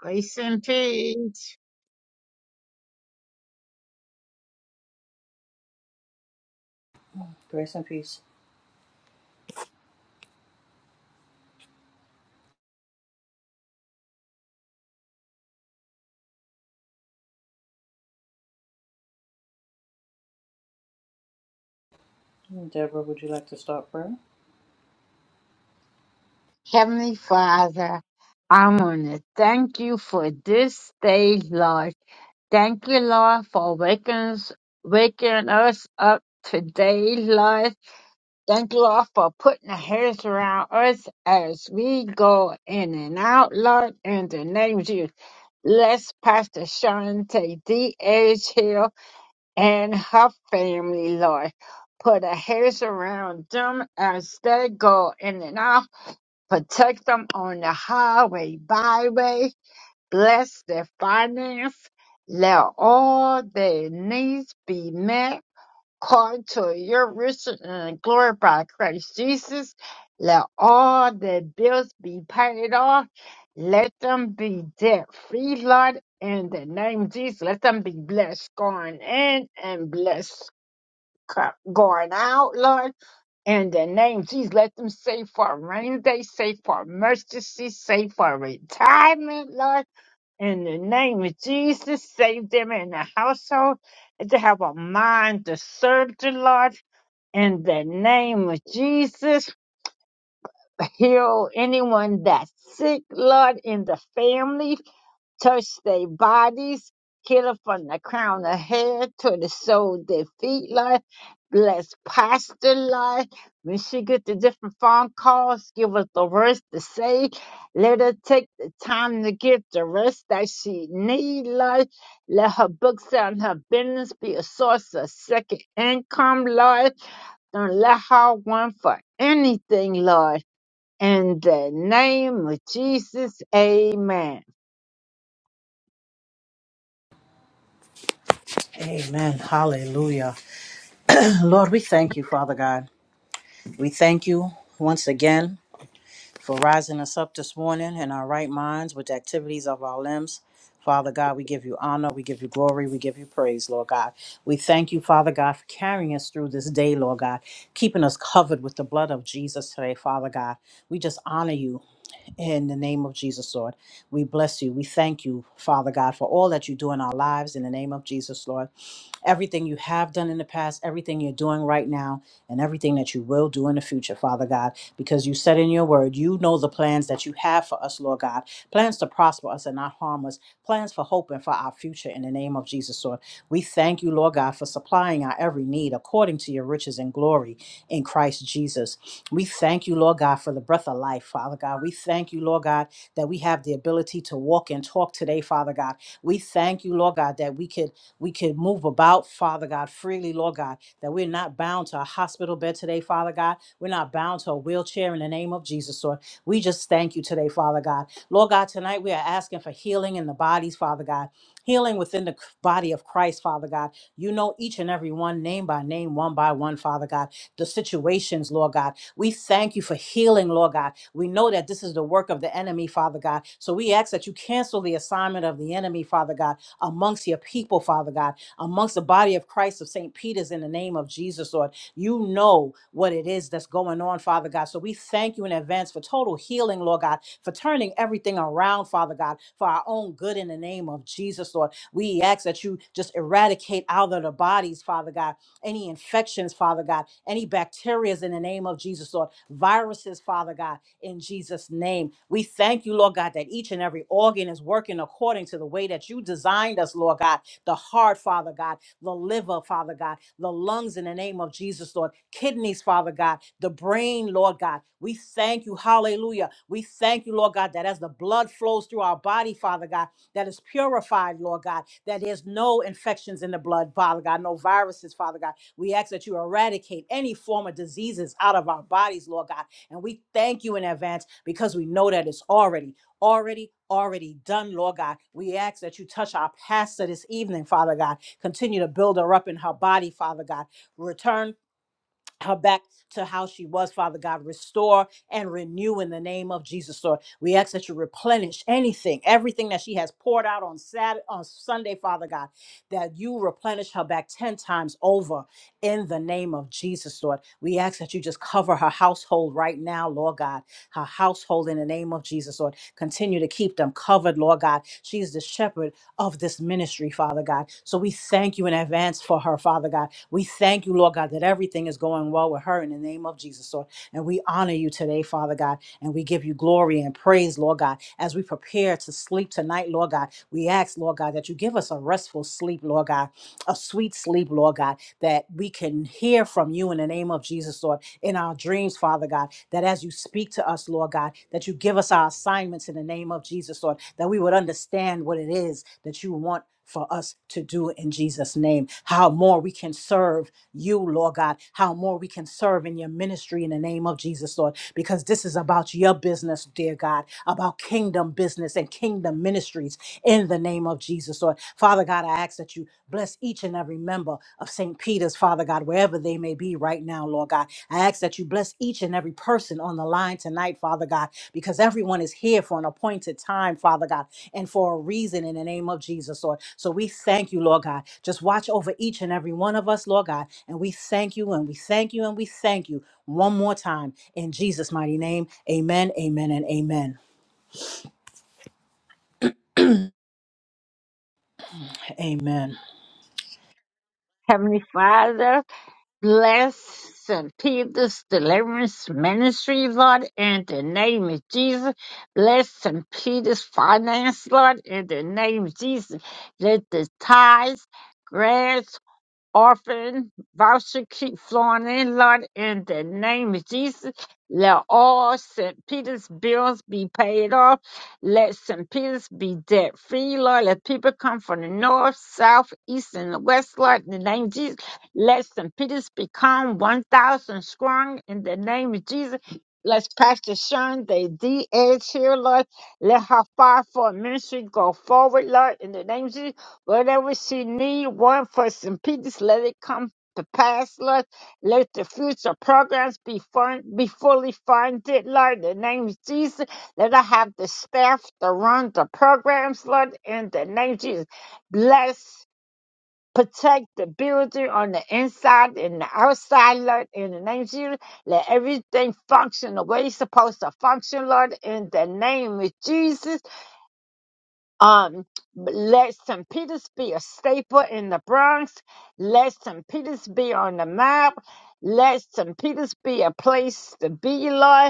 Grace and peace. Grace and peace. Deborah, would you like to start prayer? Heavenly Father, I want to thank you for this day, Lord. Thank you, Lord, for waking us, waking us up today, Lord. Thank you, Lord, for putting the hands around us as we go in and out, Lord, in the name of Jesus. Bless Pastor Shante D.H. Hill and her family, Lord. Put a hands around them as they go in and out Protect them on the highway, byway. Bless their finance. Let all their needs be met. According to your riches and glory by Christ Jesus. Let all their bills be paid off. Let them be debt free, Lord, in the name of Jesus. Let them be blessed going in and blessed co- going out, Lord in the name, of Jesus, let them save for rainy day, save for emergency, save for retirement, Lord. In the name of Jesus, save them in the household and to have a mind to serve the Lord. In the name of Jesus, heal anyone that's sick, Lord, in the family. Touch their bodies, heal from the crown of hair to the sole of their feet, Lord. Bless Pastor, Lord. When she get the different phone calls, give us the words to say. Let her take the time to get the rest that she need, Lord. Let her books and her business be a source of second income, Lord. Don't let her want for anything, Lord. In the name of Jesus, amen. Amen. Hallelujah. Lord, we thank you, Father God. We thank you once again for rising us up this morning in our right minds with the activities of our limbs. Father God, we give you honor, we give you glory, we give you praise, Lord God. We thank you, Father God, for carrying us through this day, Lord God, keeping us covered with the blood of Jesus today, Father God. We just honor you In the name of Jesus, Lord, we bless you. We thank you, Father God, for all that you do in our lives. In the name of Jesus, Lord everything you have done in the past, everything you're doing right now, and everything that you will do in the future, Father God, because you said in your word, you know the plans that you have for us, Lord God, plans to prosper us and not harm us, plans for hope and for our future in the name of Jesus, Lord. We thank you, Lord God, for supplying our every need according to your riches and glory in Christ Jesus. We thank you, Lord God, for the breath of life, Father God. We thank you, Lord God, that we have the ability to walk and talk today, Father God. We thank you, Lord God, that we could we could move about, Father God, freely, Lord God, that we're not bound to a hospital bed today, Father God. We're not bound to a wheelchair in the name of Jesus, Lord. We just thank you today, Father God. Lord God, tonight we are asking for healing in the bodies, Father God, healing within the body of Christ, Father God. You know each and every one, name by name, one by one, Father God, the situations, Lord God. We thank you for healing, Lord God. We know that this is the work of the enemy, Father God. So we ask that you cancel the assignment of the enemy, Father God amongst your people, Father God, amongst the body of Christ of St. Peter's in the name of Jesus, Lord. You know what it is that's going on, Father God. So we thank you in advance for total healing, Lord God, for turning everything around, Father God, for our own good in the name of Jesus, Lord. We ask that you just eradicate out of the bodies, Father God, any infections, Father God, any bacterias in the name of Jesus, Lord, viruses, Father God in Jesus' name. We thank you, Lord God, that each and every organ is working according to the way that you designed us, Lord God. The heart, Father God, the liver, Father God, the lungs in the name of Jesus, Lord, kidneys, Father God, the brain, Lord God. We thank you, hallelujah. We thank you, Lord God, that as the blood flows through our body, Father God, that is purified, Lord God, that there's no infections in the blood, Father God, no viruses, Father God. We ask that you eradicate any form of diseases out of our bodies, Lord God and we thank you in advance because we know that it's already, already, already done, Lord God. We ask that you touch our pastor this evening, Father God. Continue to build her up in her body, Father God. Return her back to how she was, Father God. Restore and renew in the name of Jesus, Lord. We ask that you replenish anything, everything that she has poured out on Saturday, on Sunday, Father God, that you replenish her back 10 times over in the name of Jesus, Lord. We ask that you just cover her household right now, Lord God. Her household in the name of Jesus, Lord. Continue to keep them covered, Lord God. She's the shepherd of this ministry, Father God. So we thank you in advance for her, Father God. We thank you, Lord God, that everything is going well with her in the name of Jesus, Lord. And we honor you today, Father God, and we give you glory and praise, Lord God, as we prepare to sleep tonight, Lord God. We ask, Lord God, that you give us a restful sleep, Lord God, a sweet sleep, Lord God, that we can hear from you in the name of Jesus, Lord in our dreams, Father God, that as you speak to us, Lord God, that you give us our assignments in the name of Jesus, Lord, that we would understand what it is that you want for us to do in Jesus' name, how more we can serve you, Lord God, how more we can serve in your ministry in the name of Jesus, Lord, because this is about your business, dear God, about kingdom business and kingdom ministries in the name of Jesus, Lord. Father God, I ask that you bless each and every member of St. Peter's, Father God, wherever they may be right now, Lord God. I ask that you bless each and every person on the line tonight, Father God, because everyone is here for an appointed time, Father God, and for a reason in the name of Jesus, Lord. So we thank you, Lord God. Just watch over each and every one of us, Lord God, and we thank you and we thank you and we thank you one more time in Jesus' mighty name. Amen, amen, and amen. Amen. Heavenly Father, bless St. Peter's Deliverance Ministry, Lord, in the name of Jesus. Bless St. Peter's finance, Lord, in the name of Jesus. Let the tithes, grants, orphan, voucher keep flowing in, Lord, in the name of Jesus. Let all St. Peter's bills be paid off. Let St. Peter's be debt free, Lord. Let people come from the north, south, east, and the west, Lord, in the name of Jesus. Let St. Peter's become 1,000 strong in the name of Jesus. Let's Pastor Sharon, the D edge here, Lord. Let her fire for ministry go forward, Lord, in the name of Jesus. Whatever she need, one for some peace, let it come to pass, Lord. Let the future programs be fun, be fully funded, Lord. In the name of Jesus, let I have the staff to run the programs, Lord. In the name of Jesus, bless. Protect the building on the inside and the outside, Lord, in the name of Jesus. Let everything function the way it's supposed to function, Lord, in the name of Jesus um let St. Peter's be a staple in the Bronx. Let St. Peter's be on the map. Let St. Peter's be a place to be like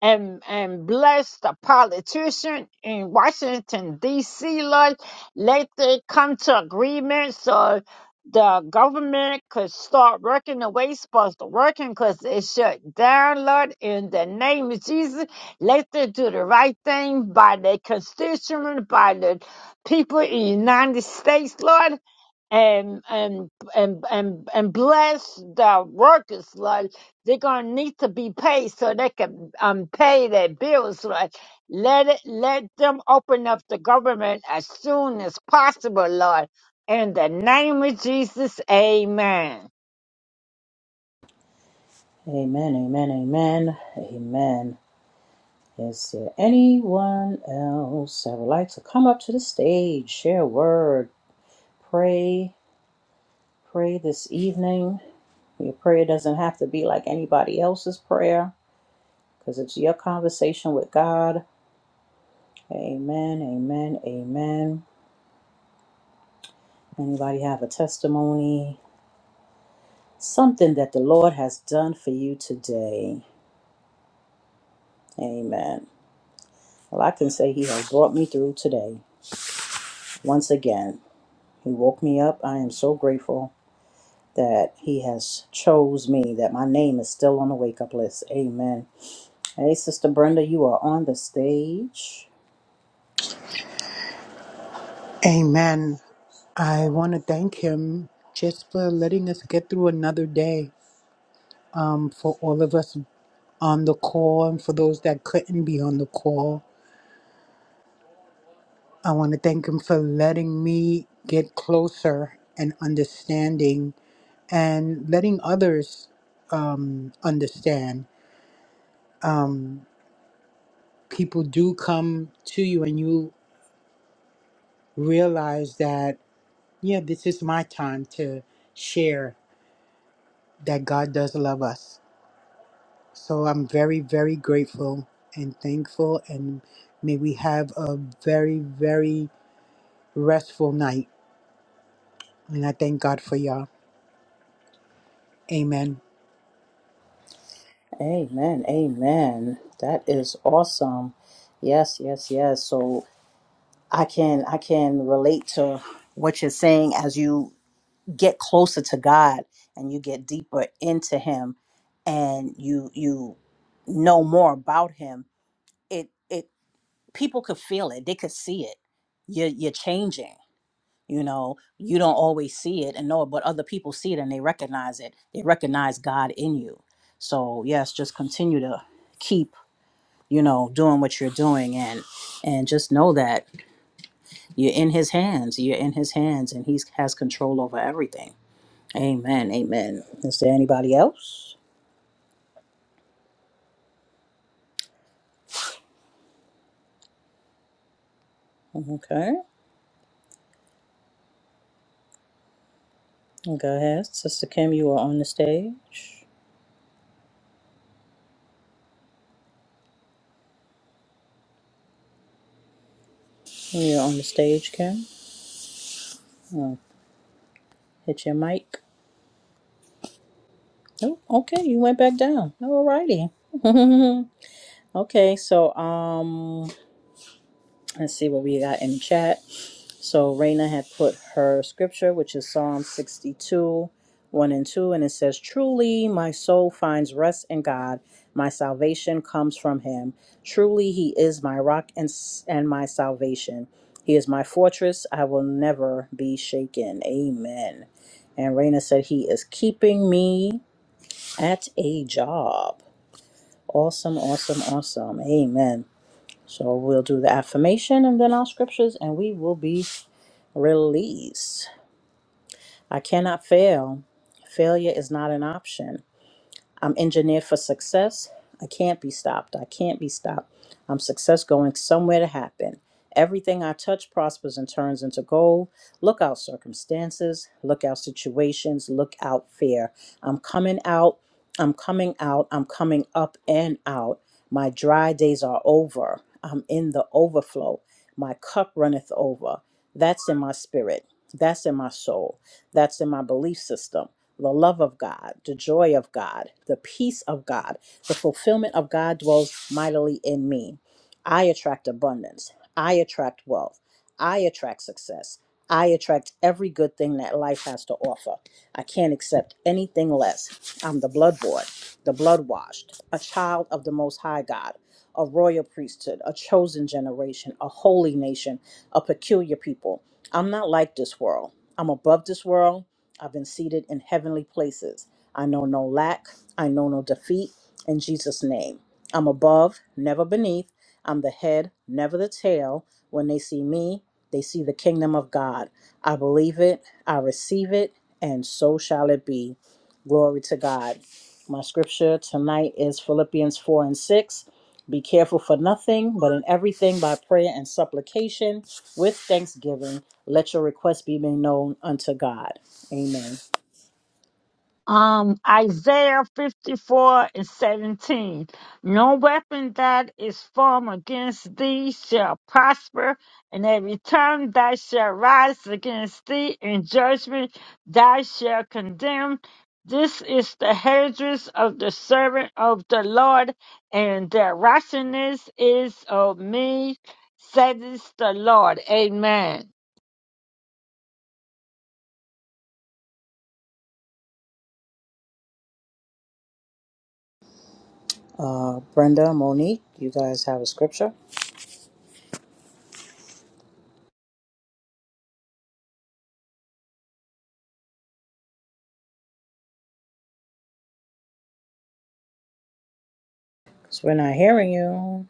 and and bless the politician in Washington D.C. Lord, let they come to agreement so the government could start working the way it's supposed to work because it shut down, Lord, in the name of Jesus. Let them do the right thing by their constituents, by the people in the United States, Lord and and and and and bless the workers Lord. they're gonna need to be paid so they can um pay their bills Lord. let it let them open up the government as soon as possible lord in the name of jesus amen Amen, amen, amen, amen. Is there anyone else that would like to come up to the stage, share a word, pray? pray this evening. Your prayer doesn't have to be like anybody else's prayer because it's your conversation with God. Amen, amen, amen. Anybody have a testimony? Something that the Lord has done for you today. Amen. Well, I can say He has brought me through today. Once again, He woke me up. I am so grateful that He has chose me, that my name is still on the wake up list. Amen. Hey, Sister Brenda, you are on the stage. Amen. I want to thank him just for letting us get through another day. Um, for all of us on the call and for those that couldn't be on the call, I want to thank him for letting me get closer and understanding and letting others um, understand. Um, people do come to you and you realize that, yeah, this is my time to share that God does love us So I'm very, very grateful and thankful, and may we have a very, very restful night. And I thank God for y'all. Amen. Amen. Amen. That is awesome. Yes, yes, yes. So I can I can relate to what you're saying as you get closer to God and you get deeper into him and you you know more about him. It it people could feel it. They could see it. You're you're changing. You know, you don't always see it and know it, but other people see it and they recognize it. They recognize God in you. So yes, just continue to keep you know doing what you're doing and and just know that you're in his hands you're in his hands and he has control over everything amen amen is there anybody else okay go ahead sister kim you are on the stage you're on the stage kim oh, hit your mic oh okay you went back down alrighty okay so um let's see what we got in the chat So Raina had put her scripture, which is Psalm 62, 1 and 2, and it says, Truly my soul finds rest in God. My salvation comes from him. Truly he is my rock and, s- and my salvation. He is my fortress. I will never be shaken. Amen. And Raina said, He is keeping me at a job. Awesome, awesome, awesome. Amen. So we'll do the affirmation and then our scriptures, and we will be released. I cannot fail. Failure is not an option. I'm engineered for success. I can't be stopped. I can't be stopped. I'm success going somewhere to happen. Everything I touch prospers and turns into gold. Look out circumstances, look out situations, look out fear. I'm coming out, I'm coming out, I'm coming up and out. My dry days are over. I'm in the overflow. My cup runneth over. That's in my spirit. That's in my soul. That's in my belief system the love of God, the joy of God, the peace of God, the fulfillment of God dwells mightily in me. I attract abundance. I attract wealth. I attract success. I attract every good thing that life has to offer. I can't accept anything less. I'm the bloodborne, the blood washed, a child of the Most High God, a royal priesthood, a chosen generation, a holy nation, a peculiar people. I'm not like this world. I'm above this world. I've been seated in heavenly places. I know no lack. I know no defeat. In Jesus' name, I'm above, never beneath. I'm the head, never the tail. When they see me, they see the kingdom of God. I believe it, I receive it, and so shall it be. Glory to God. My scripture tonight is Philippians 4 and 6. Be careful for nothing, but in everything by prayer and supplication with thanksgiving, let your requests be made known unto God. Amen. Um, Isaiah 54 and 17. No weapon that is formed against thee shall prosper, and every tongue that shall rise against thee in judgment thou shalt condemn. This is the heritage of the servant of the Lord, and their righteousness is of me, says the Lord. Amen. Uh, Brenda, Monique, you guys have a scripture? Because we're not hearing you.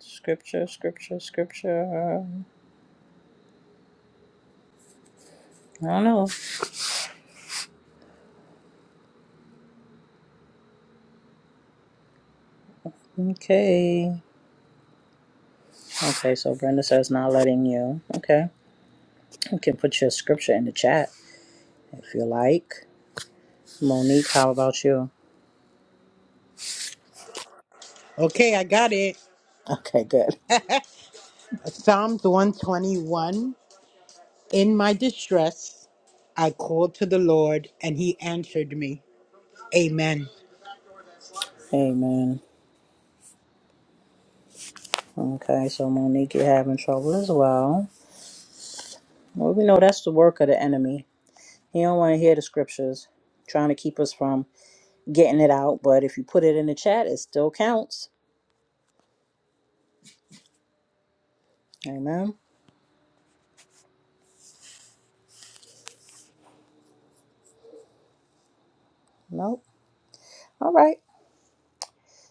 Scripture, scripture, scripture. I don't know. Okay. Okay, so Brenda says not letting you. Okay. You can put your scripture in the chat if you like. Monique, how about you? Okay, I got it. Okay, good. Psalms 121 In my distress, I called to the Lord, and he answered me. Amen. Amen. Okay, so Monique, you're having trouble as well. Well, we know that's the work of the enemy. He don't want to hear the scriptures, trying to keep us from getting it out, but if you put it in the chat, it still counts. Amen. Nope. All right.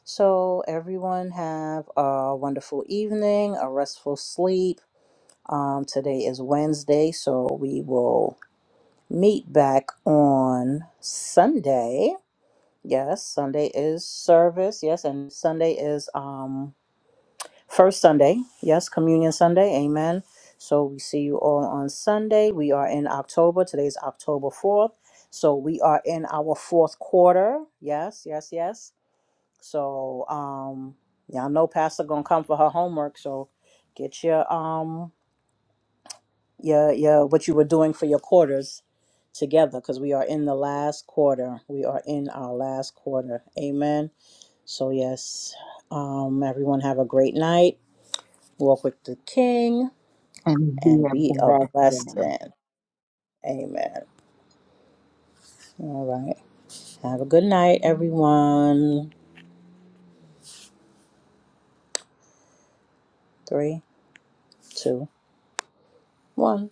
So everyone have a wonderful evening, a restful sleep. Um, today is Wednesday, so we will meet back on Sunday. Yes, Sunday is service. Yes, and Sunday is um First Sunday, yes, Communion Sunday, amen. So we see you all on Sunday. We are in October. Today's October 4th. So we are in our fourth quarter. Yes, yes, yes. So um y'all know Pastor gonna come for her homework. So get your um your your what you were doing for your quarters together because we are in the last quarter. We are in our last quarter. Amen. So yes. Um everyone have a great night. Walk with the King. And be and a be a blessing. blessing. Amen. All right. Have a good night, everyone. Three, two, one.